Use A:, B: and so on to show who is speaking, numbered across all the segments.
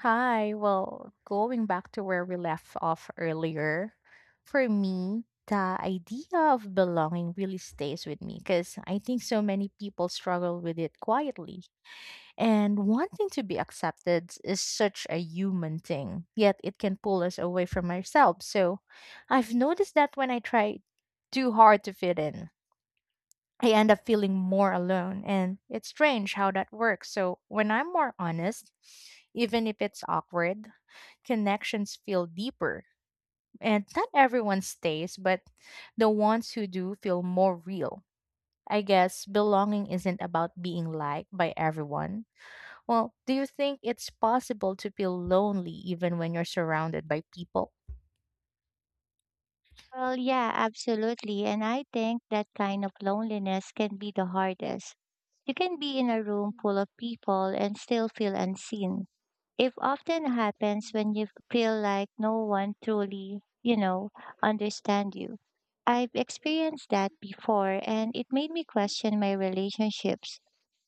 A: Hi. Well, going back to where we left off earlier, for me, the idea of belonging really stays with me because I think so many people struggle with it quietly. And wanting to be accepted is such a human thing, yet it can pull us away from ourselves. So I've noticed that when I try too hard to fit in, I end up feeling more alone. And it's strange how that works. So when I'm more honest, even if it's awkward, connections feel deeper. And not everyone stays, but the ones who do feel more real. I guess belonging isn't about being liked by everyone. Well, do you think it's possible to feel lonely even when you're surrounded by people?
B: Well, yeah, absolutely. And I think that kind of loneliness can be the hardest. You can be in a room full of people and still feel unseen. It often happens when you feel like no one truly, understand you. I've experienced that before and it made me question my relationships.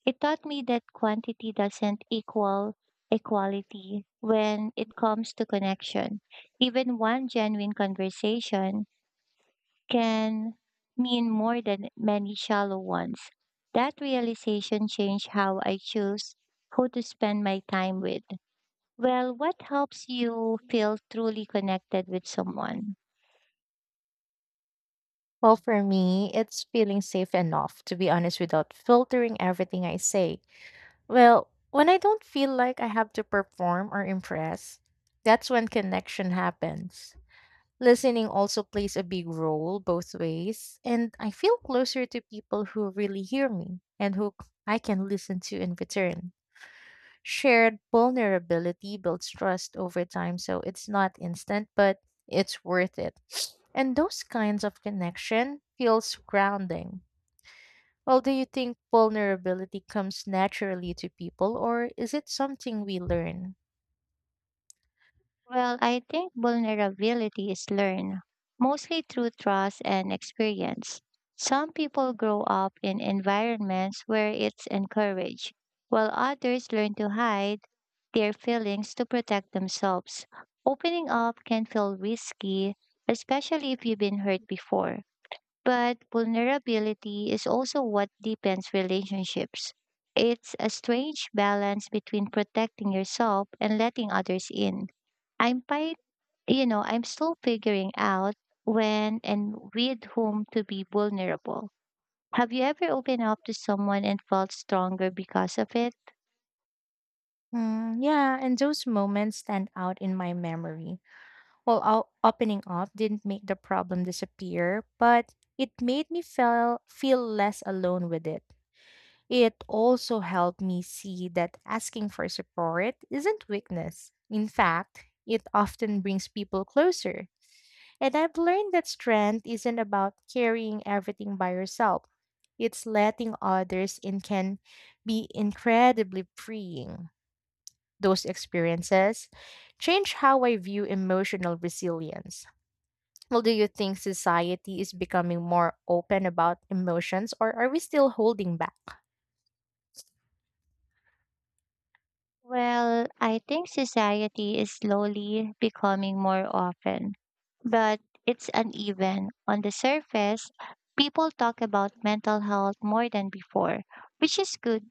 B: It taught me that quantity doesn't equal equality when it comes to connection. Even one genuine conversation can mean more than many shallow ones. That realization changed how I choose who to spend my time with. Well, what helps you feel truly connected with someone?
A: Well, for me, it's feeling safe enough, to be honest, without filtering everything I say. Well, when I don't feel like I have to perform or impress, that's when connection happens. Listening also plays a big role both ways, and I feel closer to people who really hear me and I can listen to in return. Shared vulnerability builds trust over time, so it's not instant, but it's worth it. And those kinds of connection feels grounding. Well, do you think vulnerability comes naturally to people, or is it something we learn?
B: Well, I think vulnerability is learned, mostly through trust and experience. Some people grow up in environments where it's encouraged, while others learn to hide their feelings to protect themselves. Opening up can feel risky, especially if you've been hurt before. But vulnerability is also what deepens relationships. It's a strange balance between protecting yourself and letting others in. I'm quite, I'm still figuring out when and with whom to be vulnerable. Have you ever opened up to someone and felt stronger because of it?
A: Mm, yeah, and those moments stand out in my memory. Well, opening up didn't make the problem disappear, but it made me feel less alone with it. It also helped me see that asking for support isn't weakness. In fact, it often brings people closer. And I've learned that strength isn't about carrying everything by yourself. It's letting others in can be incredibly freeing. Those experiences change how I view emotional resilience. Well, do you think society is becoming more open about emotions or are we still holding back?
B: Well, I think society is slowly becoming more often, but it's uneven. On the surface, people talk about mental health more than before, which is good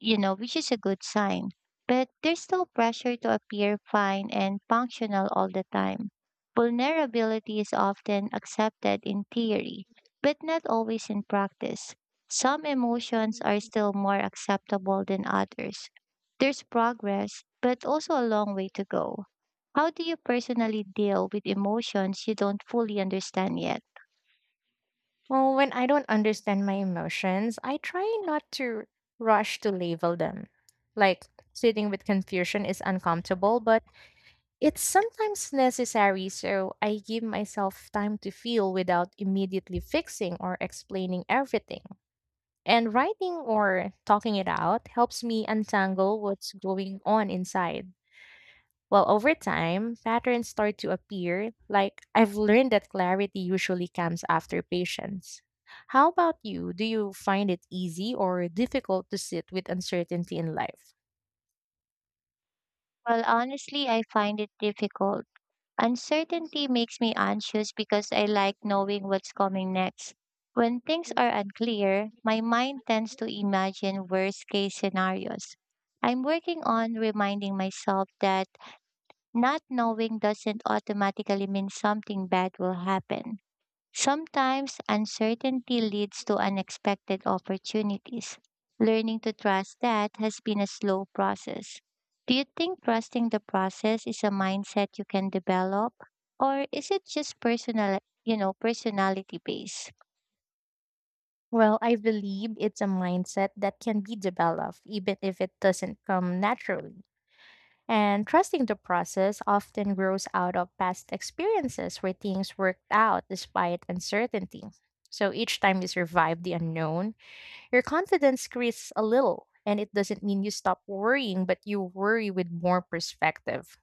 B: you know, which is a good sign. But there's still pressure to appear fine and functional all the time. Vulnerability is often accepted in theory, but not always in practice. Some emotions are still more acceptable than others. There's progress, but also a long way to go. How do you personally deal with emotions you don't fully understand yet?
A: Well, when I don't understand my emotions, I try not to rush to label them. Like, sitting with confusion is uncomfortable, but it's sometimes necessary, so I give myself time to feel without immediately fixing or explaining everything. And writing or talking it out helps me untangle what's going on inside. Well, over time, patterns start to appear. Like, I've learned that clarity usually comes after patience. How about you? Do you find it easy or difficult to sit with uncertainty in life?
B: Well, honestly, I find it difficult. Uncertainty makes me anxious because I like knowing what's coming next. When things are unclear, my mind tends to imagine worst case scenarios. I'm working on reminding myself that not knowing doesn't automatically mean something bad will happen. Sometimes uncertainty leads to unexpected opportunities. Learning to trust that has been a slow process. Do you think trusting the process is a mindset you can develop or is it just personal, personality based?
A: Well, I believe it's a mindset that can be developed even if it doesn't come naturally. And trusting the process often grows out of past experiences where things worked out despite uncertainty. So each time we survive the unknown, your confidence creases a little, and it doesn't mean you stop worrying, but you worry with more perspective.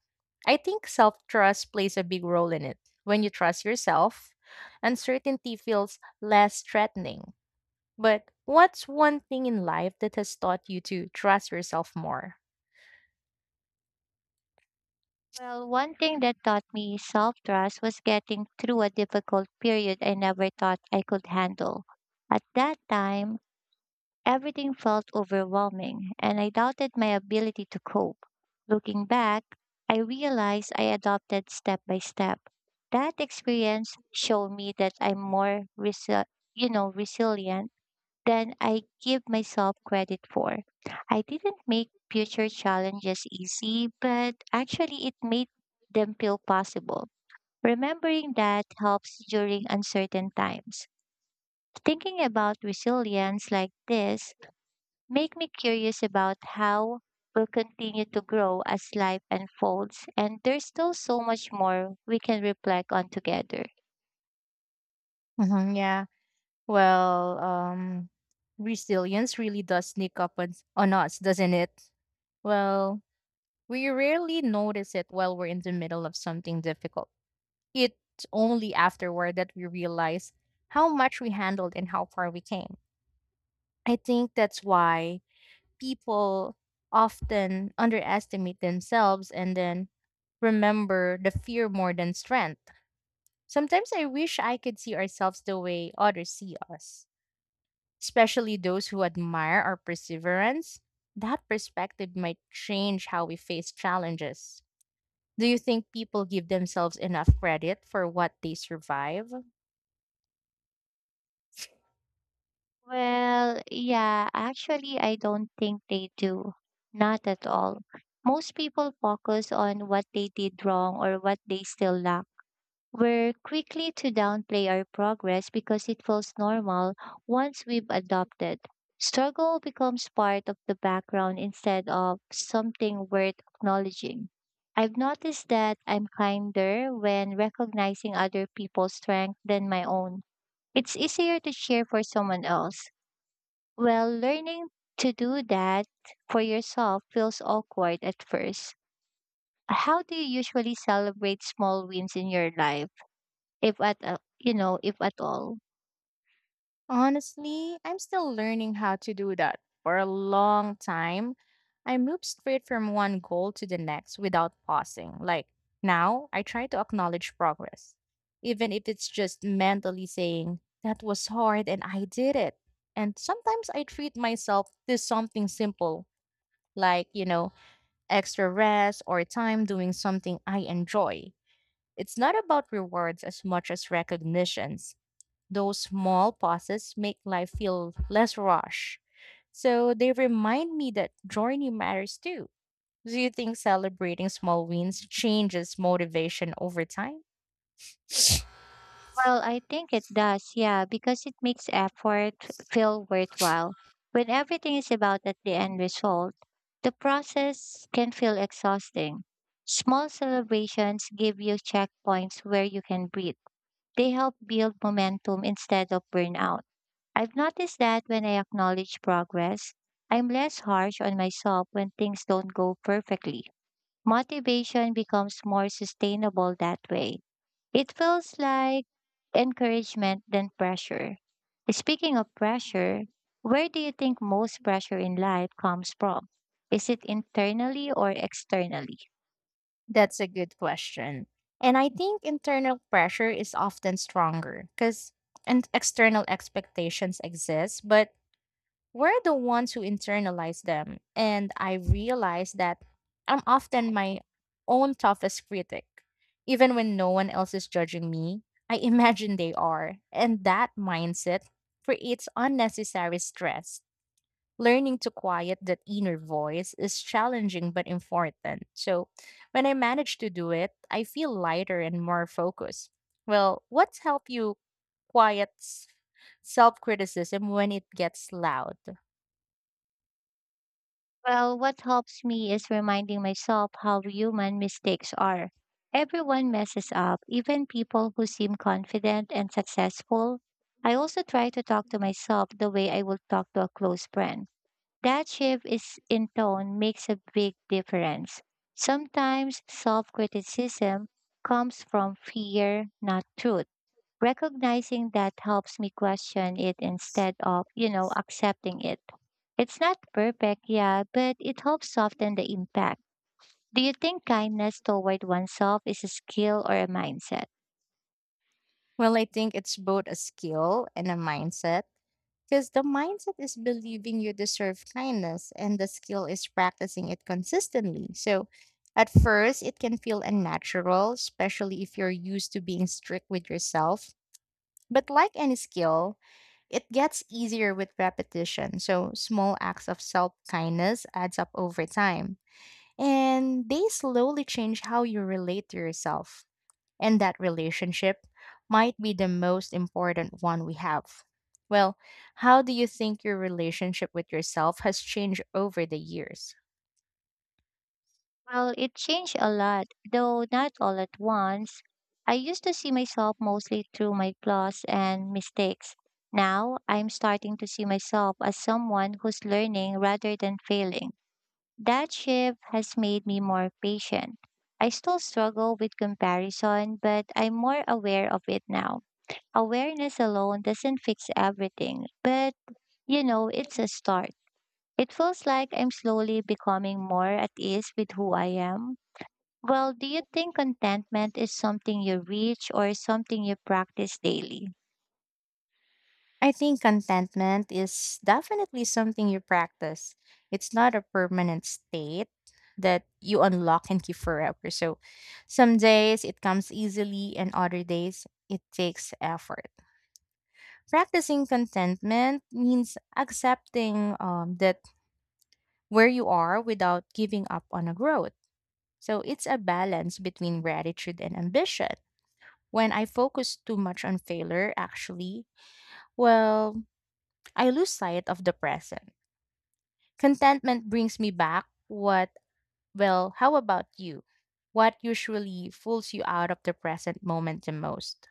A: I think self trust plays a big role in it. When you trust yourself, uncertainty feels less threatening. But what's one thing in life that has taught you to trust yourself more?
B: Well, one thing that taught me self-trust was getting through a difficult period I never thought I could handle. At that time, everything felt overwhelming, and I doubted my ability to cope. Looking back, I realized I adopted step by step. That experience showed me that I'm more resilient than I give myself credit for. I didn't make future challenges easy, but actually it made them feel possible. Remembering that helps during uncertain times. Thinking about resilience like this make me curious about how we'll continue to grow as life unfolds, and there's still so much more we can reflect on together.
A: Hmm, yeah. Well, resilience really does sneak up on us, doesn't it? Well, we rarely notice it while we're in the middle of something difficult. It's only afterward that we realize how much we handled and how far we came. I think that's why people often underestimate themselves and then remember the fear more than strength. Sometimes I wish I could see ourselves the way others see us, especially those who admire our perseverance. That perspective might change how we face challenges. Do you think people give themselves enough credit for what they survive?
B: Well, yeah, actually, I don't think they do. Not at all. Most people focus on what they did wrong or what they still lack. We're quickly to downplay our progress because it feels normal once we've adopted. Struggle becomes part of the background instead of something worth acknowledging. I've noticed that I'm kinder when recognizing other people's strength than my own. It's easier to cheer for someone else. Well, learning to do that for yourself feels awkward at first. How do you usually celebrate small wins in your life? If at a you know, If at all.
A: Honestly, I'm still learning how to do that. For a long time, I moved straight from one goal to the next without pausing. Like, now, I try to acknowledge progress, even if it's just mentally saying, that was hard and I did it. And sometimes I treat myself to something simple, like, you know, extra rest or time doing something I enjoy. It's not about rewards as much as recognitions. Those small pauses make life feel less rushed. So they remind me that journey matters too. Do you think celebrating small wins changes motivation over time?
B: Well, I think it does, yeah, because it makes effort feel worthwhile. When everything is about at the end result, the process can feel exhausting. Small celebrations give you checkpoints where you can breathe. They help build momentum instead of burnout. I've noticed that when I acknowledge progress, I'm less harsh on myself when things don't go perfectly. Motivation becomes more sustainable that way. It feels like encouragement than pressure. Speaking of pressure, where do you think most pressure in life comes from? Is it internally or externally?
A: That's a good question. And I think internal pressure is often stronger because and external expectations exist, but we're the ones who internalize them. And I realize that I'm often my own toughest critic. Even when no one else is judging me, I imagine they are. And that mindset creates unnecessary stress. Learning to quiet that inner voice is challenging but important. So when I manage to do it, I feel lighter and more focused. Well, what's helped you quiet self criticism when it gets loud?
B: Well, what helps me is reminding myself how human mistakes are. Everyone messes up, even people who seem confident and successful. I also try to talk to myself the way I would talk to a close friend. That shift is in tone makes a big difference. Sometimes self criticism comes from fear, not truth. Recognizing that helps me question it instead of, accepting it. It's not perfect, yeah, but it helps soften the impact. Do you think kindness toward oneself is a skill or a mindset?
A: Well, I think it's both a skill and a mindset. Because the mindset is believing you deserve kindness, and the skill is practicing it consistently. So, at first, it can feel unnatural, especially if you're used to being strict with yourself. But, like any skill, it gets easier with repetition. So, small acts of self kindness adds up over time, and they slowly change how you relate to yourself. And that relationship might be the most important one we have. Well, how do you think your relationship with yourself has changed over the years?
B: Well, it changed a lot, though not all at once. I used to see myself mostly through my flaws and mistakes. Now, I'm starting to see myself as someone who's learning rather than failing. That shift has made me more patient. I still struggle with comparison, but I'm more aware of it now. Awareness alone doesn't fix everything, but it's a start. It feels like I'm slowly becoming more at ease with who I am. Well, do you think contentment is something you reach or something you practice daily?
A: I think contentment is definitely something you practice. It's not a permanent state that you unlock and keep forever. So some days it comes easily, and other days it takes effort. Practicing contentment means accepting that where you are without giving up on a growth. So it's a balance between gratitude and ambition. When I focus too much on failure, actually, well, I lose sight of the present. Contentment brings me back what, well, how about you? What usually pulls you out of the present moment the most?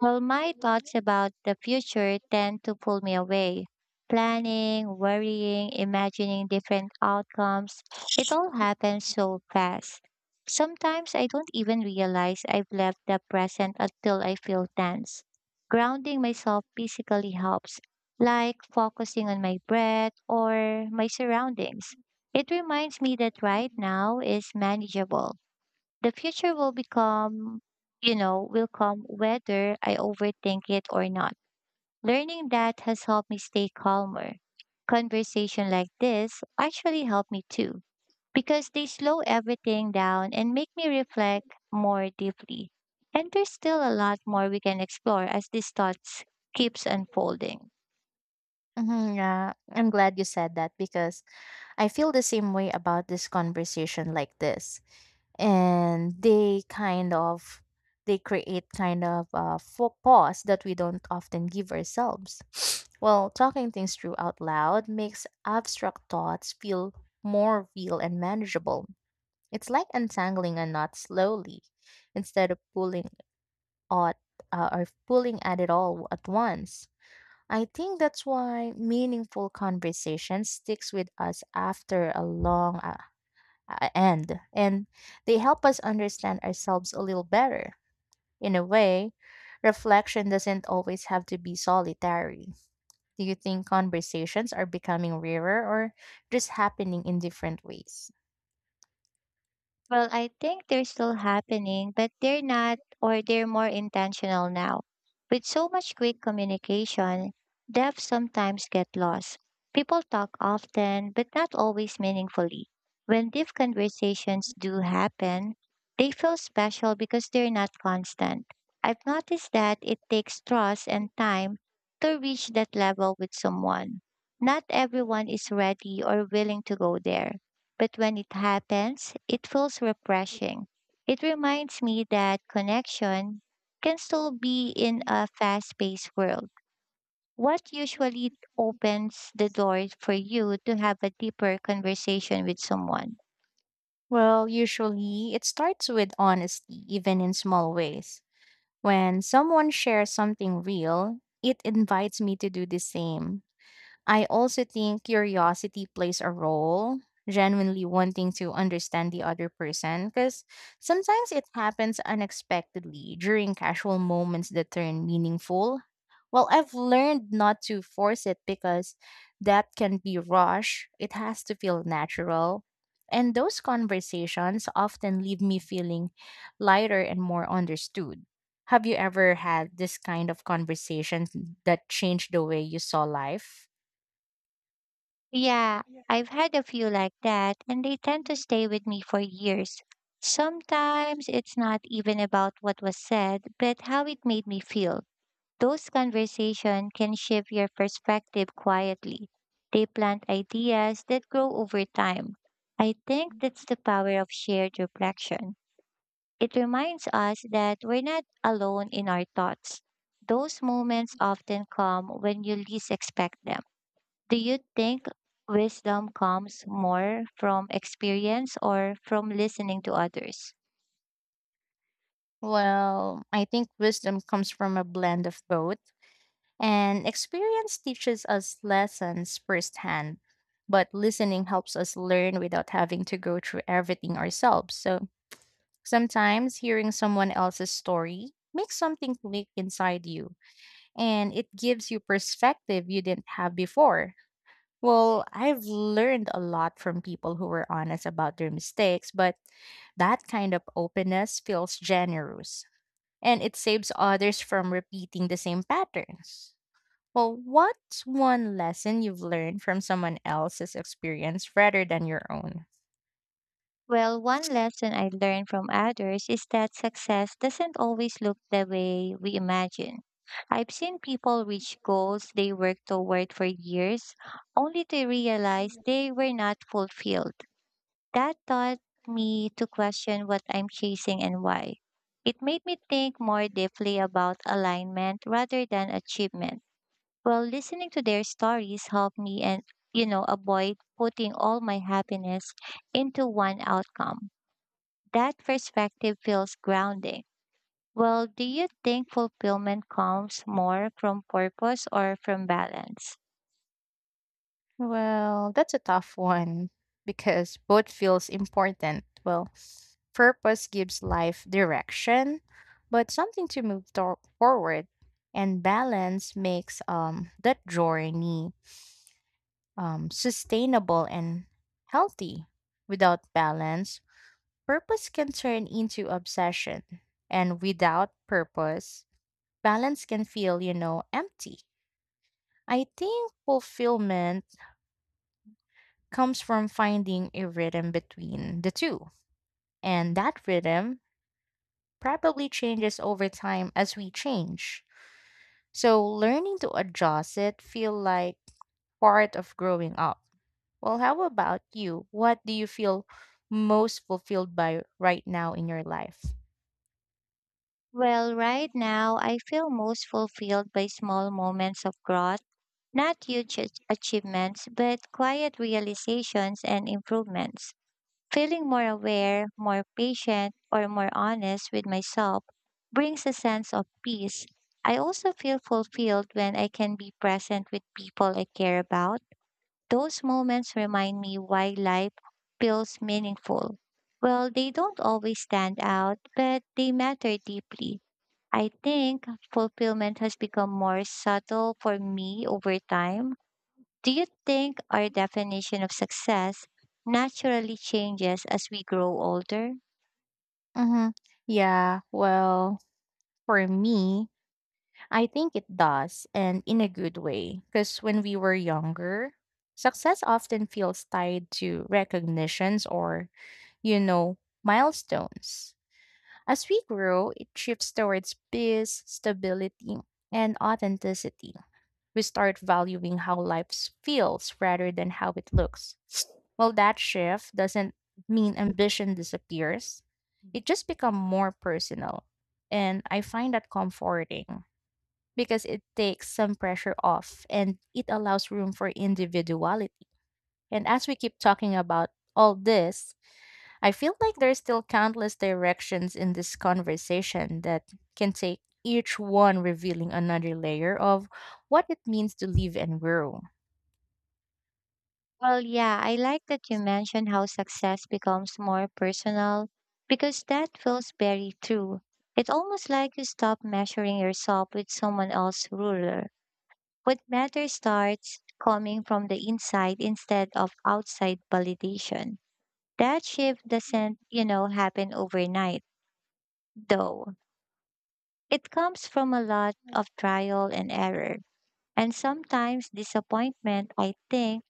B: Well, my thoughts about the future tend to pull me away. Planning, worrying, imagining different outcomes, it all happens so fast. Sometimes I don't even realize I've left the present until I feel tense. Grounding myself physically helps, like focusing on my breath or my surroundings. It reminds me that right now is manageable. The future will become, you know, will come whether I overthink it or not. Learning that has helped me stay calmer. Conversation like this actually help me too because they slow everything down and make me reflect more deeply. And there's still a lot more we can explore as these thoughts keeps unfolding.
A: Mhm, yeah, I'm glad you said that because I feel the same way about this conversation like this. And they create kind of a pause that we don't often give ourselves. Well, talking things through out loud makes abstract thoughts feel more real and manageable. It's like untangling a knot slowly instead of at pulling at it all at once. I think that's why meaningful conversation sticks with us after a long end, and they help us understand ourselves a little better. In a way, reflection doesn't always have to be solitary. Do you think conversations are becoming rarer or just happening in different ways?
B: Well, I think they're still happening, but they're not, or they're more intentional now. With so much quick communication, depth sometimes get lost. People talk often, but not always meaningfully. When deep conversations do happen, they feel special because they're not constant. I've noticed that it takes trust and time to reach that level with someone. Not everyone is ready or willing to go there, but when it happens, it feels refreshing. It reminds me that connection can still be in a fast paced world. What usually opens the door for you to have a deeper conversation with someone?
A: Well, usually it starts with honesty, even in small ways. When someone shares something real, it invites me to do the same. I also think curiosity plays a role, genuinely wanting to understand the other person, because sometimes it happens unexpectedly during casual moments that turn meaningful. Well, I've learned not to force it because that can be rushed. It has to feel natural. And those conversations often leave me feeling lighter and more understood. Have you ever had this kind of conversation that changed the way you saw life?
B: Yeah, I've had a few like that, and they tend to stay with me for years. Sometimes it's not even about what was said, but how it made me feel. Those conversations can shift your perspective quietly. They plant ideas that grow over time. I think that's the power of shared reflection. It reminds us that we're not alone in our thoughts. Those moments often come when you least expect them. Do you think wisdom comes more from experience or from listening to others?
A: Well, I think wisdom comes from a blend of both, and experience teaches us lessons firsthand, but listening helps us learn without having to go through everything ourselves. So sometimes hearing someone else's story makes something click inside you, and it gives you perspective you didn't have before. Well, I've learned a lot from people who were honest about their mistakes, but that kind of openness feels generous, and it saves others from repeating the same patterns. Well, what's one lesson you've learned from someone else's experience rather than your own?
B: Well, one lesson I learned from others is that success doesn't always look the way we imagine. I've seen people reach goals they worked toward for years only to realize they were not fulfilled. That taught me to question what I'm chasing and why. It made me think more deeply about alignment rather than achievement. Well, listening to their stories helped me and avoid putting all my happiness into one outcome. That perspective feels grounding. Well, do you think fulfillment comes more from purpose or from balance?
A: Well, that's a tough one because both feels important. Well, purpose gives life direction, but something to move forward, and balance makes that journey sustainable and healthy. Without balance, purpose can turn into obsession, and without purpose, balance can feel, you know, empty. I think fulfillment comes from finding a rhythm between the two, and that rhythm probably changes over time as we change. So learning to adjust it feel like part of growing up. Well, how about you? What do you feel most fulfilled by right now in your life?
B: Well, right now, I feel most fulfilled by small moments of growth, not huge achievements, but quiet realizations and improvements. Feeling more aware, more patient, or more honest with myself brings a sense of peace. I also feel fulfilled when I can be present with people I care about. Those moments remind me why life feels meaningful. Well, they don't always stand out, but they matter deeply. I think fulfillment has become more subtle for me over time. Do you think our definition of success naturally changes as we grow older?
A: Mm-hmm. Yeah, well, for me, I think it does, and in a good way. Because when we were younger, success often feels tied to recognitions or, you know, milestones. As we grow, it shifts towards peace, stability, and authenticity. We start valuing how life feels rather than how it looks. Well, that shift doesn't mean ambition disappears. It just becomes more personal. And I find that comforting because it takes some pressure off and it allows room for individuality. And as we keep talking about all this, I feel like there's still countless directions in this conversation that can take each one revealing another layer of what it means to live and grow.
B: Well, yeah, I like that you mentioned how success becomes more personal because that feels very true. It's almost like you stop measuring yourself with someone else's ruler. What matters starts coming from the inside instead of outside validation. That shift doesn't, happen overnight, though. It comes from a lot of trial and error and sometimes disappointment, I think.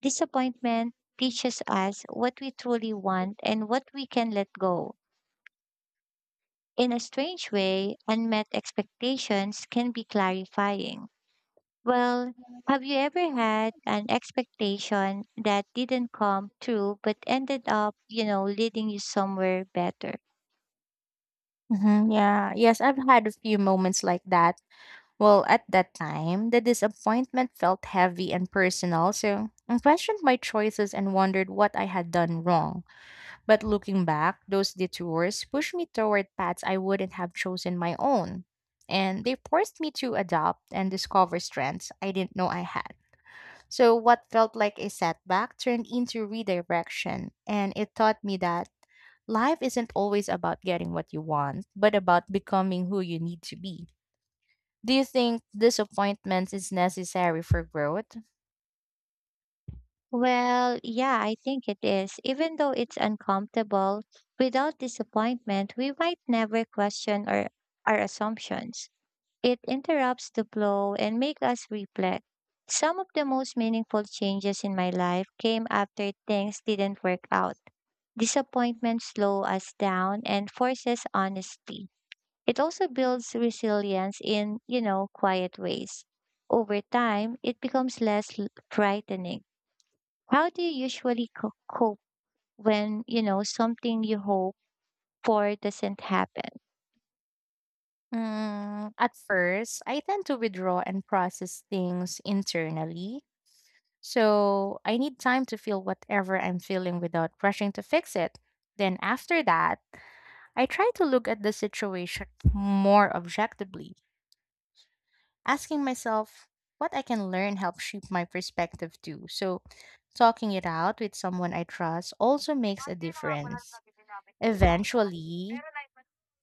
B: Disappointment teaches us what we truly want and what we can let go. In a strange way, unmet expectations can be clarifying. Well, have you ever had an expectation that didn't come true but ended up, leading you somewhere better?
A: Mhm, yeah, yes, I've had a few moments like that. Well, at that time, the disappointment felt heavy and personal, so I questioned my choices and wondered what I had done wrong. But looking back, those detours pushed me toward paths I wouldn't have chosen my own. And they forced me to adopt and discover strengths I didn't know I had. So, what felt like a setback turned into redirection, and it taught me that life isn't always about getting what you want, but about becoming who you need to be. Do you think disappointment is necessary for growth?
B: Well, yeah, I think it is. Even though it's uncomfortable, without disappointment, we might never question our assumptions. It interrupts the flow and makes us reflect. Some of the most meaningful changes in my life came after things didn't work out. Disappointment slows us down and forces honesty. It also builds resilience in, quiet ways. Over time, it becomes less frightening. How do you usually cope when, something you hope for doesn't happen?
A: At first, I tend to withdraw and process things internally. So I need time to feel whatever I'm feeling without rushing to fix it. Then after that, I try to look at the situation more objectively, asking myself what I can learn helps shape my perspective too. So talking it out with someone I trust also makes a difference. Eventually,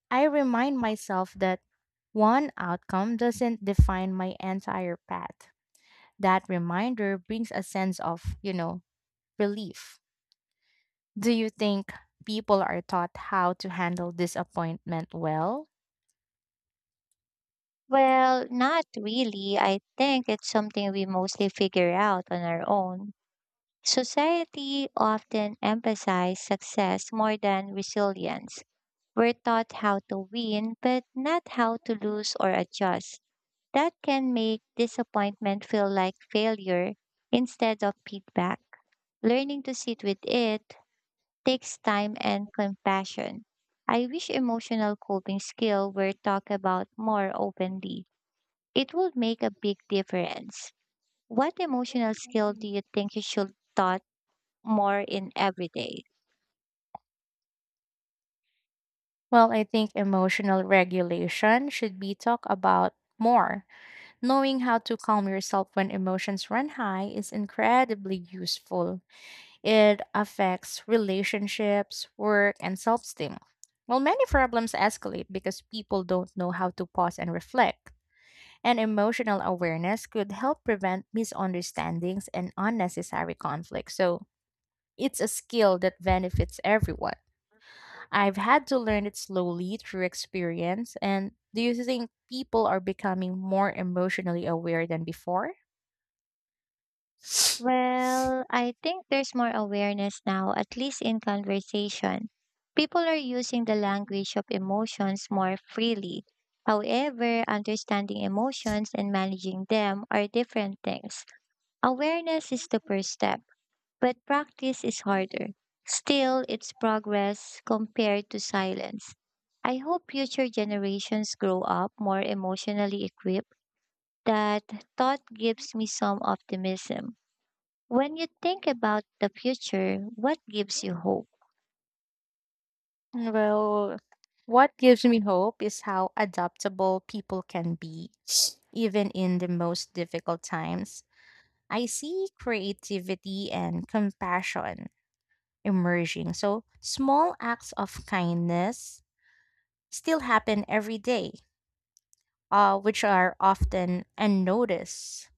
A: I remind myself that one outcome doesn't define my entire path. That reminder brings a sense of relief. Do you think people are taught how to handle disappointment well?
B: Well, not really. I think it's something we mostly figure out on our own. Society often emphasizes success more than resilience. We're taught how to win, but not how to lose or adjust. That can make disappointment feel like failure instead of feedback. Learning to sit with it takes time and compassion. I wish emotional coping skill were talked about more openly. It would make a big difference. What emotional skill
A: Mm.
B: do you think you should taught more in every day?
A: Well, I think emotional regulation should be talked about more. Knowing how to calm yourself when emotions run high is incredibly useful. It affects relationships, work, and self esteem. Well, many problems escalate because people don't know how to pause and reflect. And emotional awareness could help prevent misunderstandings and unnecessary conflict. So, it's a skill that benefits everyone. I've had to learn it slowly through experience. And do you think people are becoming more emotionally aware than before?
B: Well, I think there's more awareness now, at least in conversation. People are using the language of emotions more freely. However, understanding emotions and managing them are different things. Awareness is the first step but practice is harder. Still, it's progress compared to silence. I hope future generations grow up more emotionally equipped. That thought gives me some optimism. When you think about the future, what gives you hope?
A: Well, what gives me hope is how adaptable people can be, even in the most difficult times. I see creativity and compassion emerging. So, small acts of kindness still happen every day, which are often unnoticed.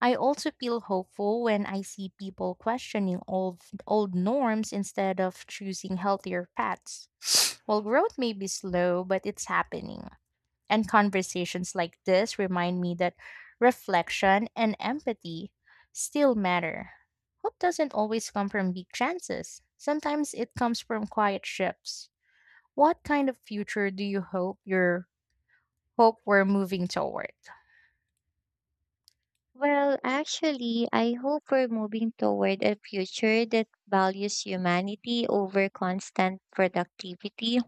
A: I also feel hopeful when I see people questioning old norms instead of choosing healthier paths. Well, growth may be slow, but it's happening. And conversations like this remind me that reflection and empathy still matter. Hope doesn't always come from big chances. Sometimes it comes from quiet shifts. What kind of future do you hope we're moving toward?
B: Well, actually, I hope we're moving toward a future that values humanity over constant productivity,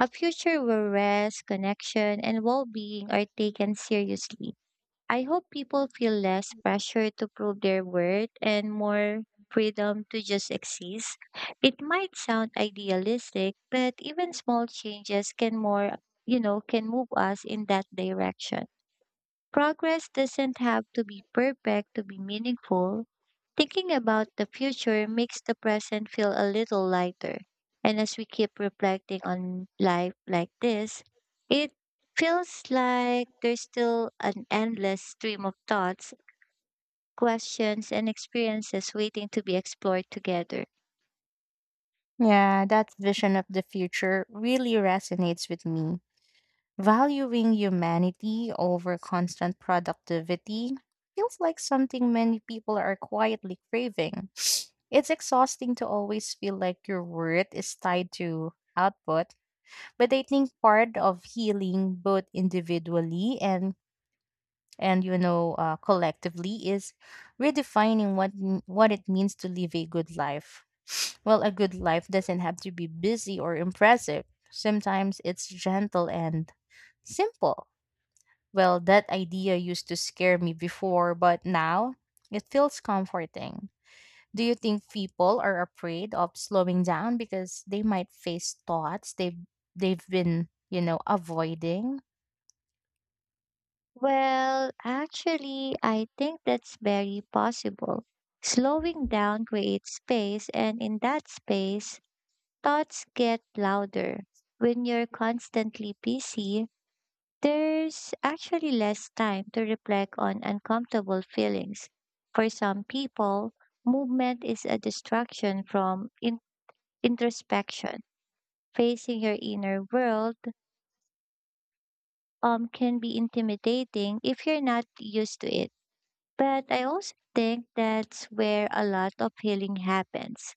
B: a future where rest, connection, and well being are taken seriously. I hope people feel less pressure to prove their worth and more freedom to just exist. It might sound idealistic, but even small changes can more, you know, can move us in that direction. Progress doesn't have to be perfect to be meaningful. Thinking about the future makes the present feel a little lighter. And as we keep reflecting on life like this, it feels like there's still an endless stream of thoughts, questions, and experiences waiting to be explored together.
A: Yeah, that vision of the future really resonates with me. Valuing humanity over constant productivity feels like something many people are quietly craving. It's exhausting to always feel like your worth is tied to output, but I think part of healing, both individually and collectively, is redefining what it means to live a good life. Well, a good life doesn't have to be busy or impressive. Sometimes it's gentle and simple. Well, that idea used to scare me before, but now it feels comforting. Do you think people are afraid of slowing down because they might face thoughts they've been avoiding?
B: Well, actually, I think that's very possible. Slowing down creates space, and in that space, thoughts get louder. When you're constantly busy, there's actually less time to reflect on uncomfortable feelings. For some people, movement is a distraction from introspection. Facing your inner world can be intimidating if you're not used to it. But I also think that's where a lot of healing happens.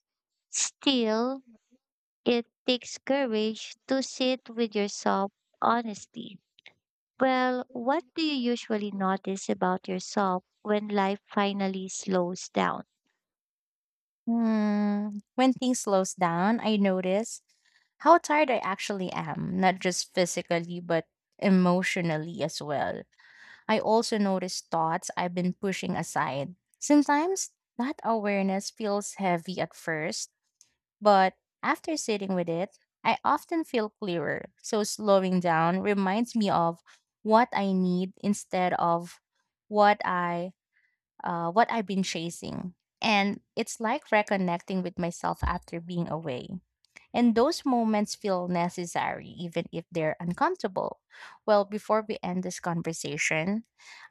B: Still, it takes courage to sit with yourself honestly. Well, what do you usually notice about yourself when life finally slows down?
A: Hmm. When things slows down, I notice how tired I actually am, not just physically, but emotionally as well. I also notice thoughts I've been pushing aside. Sometimes that awareness feels heavy at first, but after sitting with it, I often feel clearer. So slowing down reminds me of what I need instead of what I've been chasing. And it's like reconnecting with myself after being away. And those moments feel necessary, even if they're uncomfortable. Well, before we end this conversation,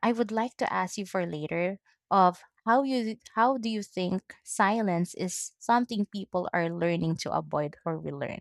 A: I would like to ask you for later of how do you think silence is something people are learning to avoid or relearn?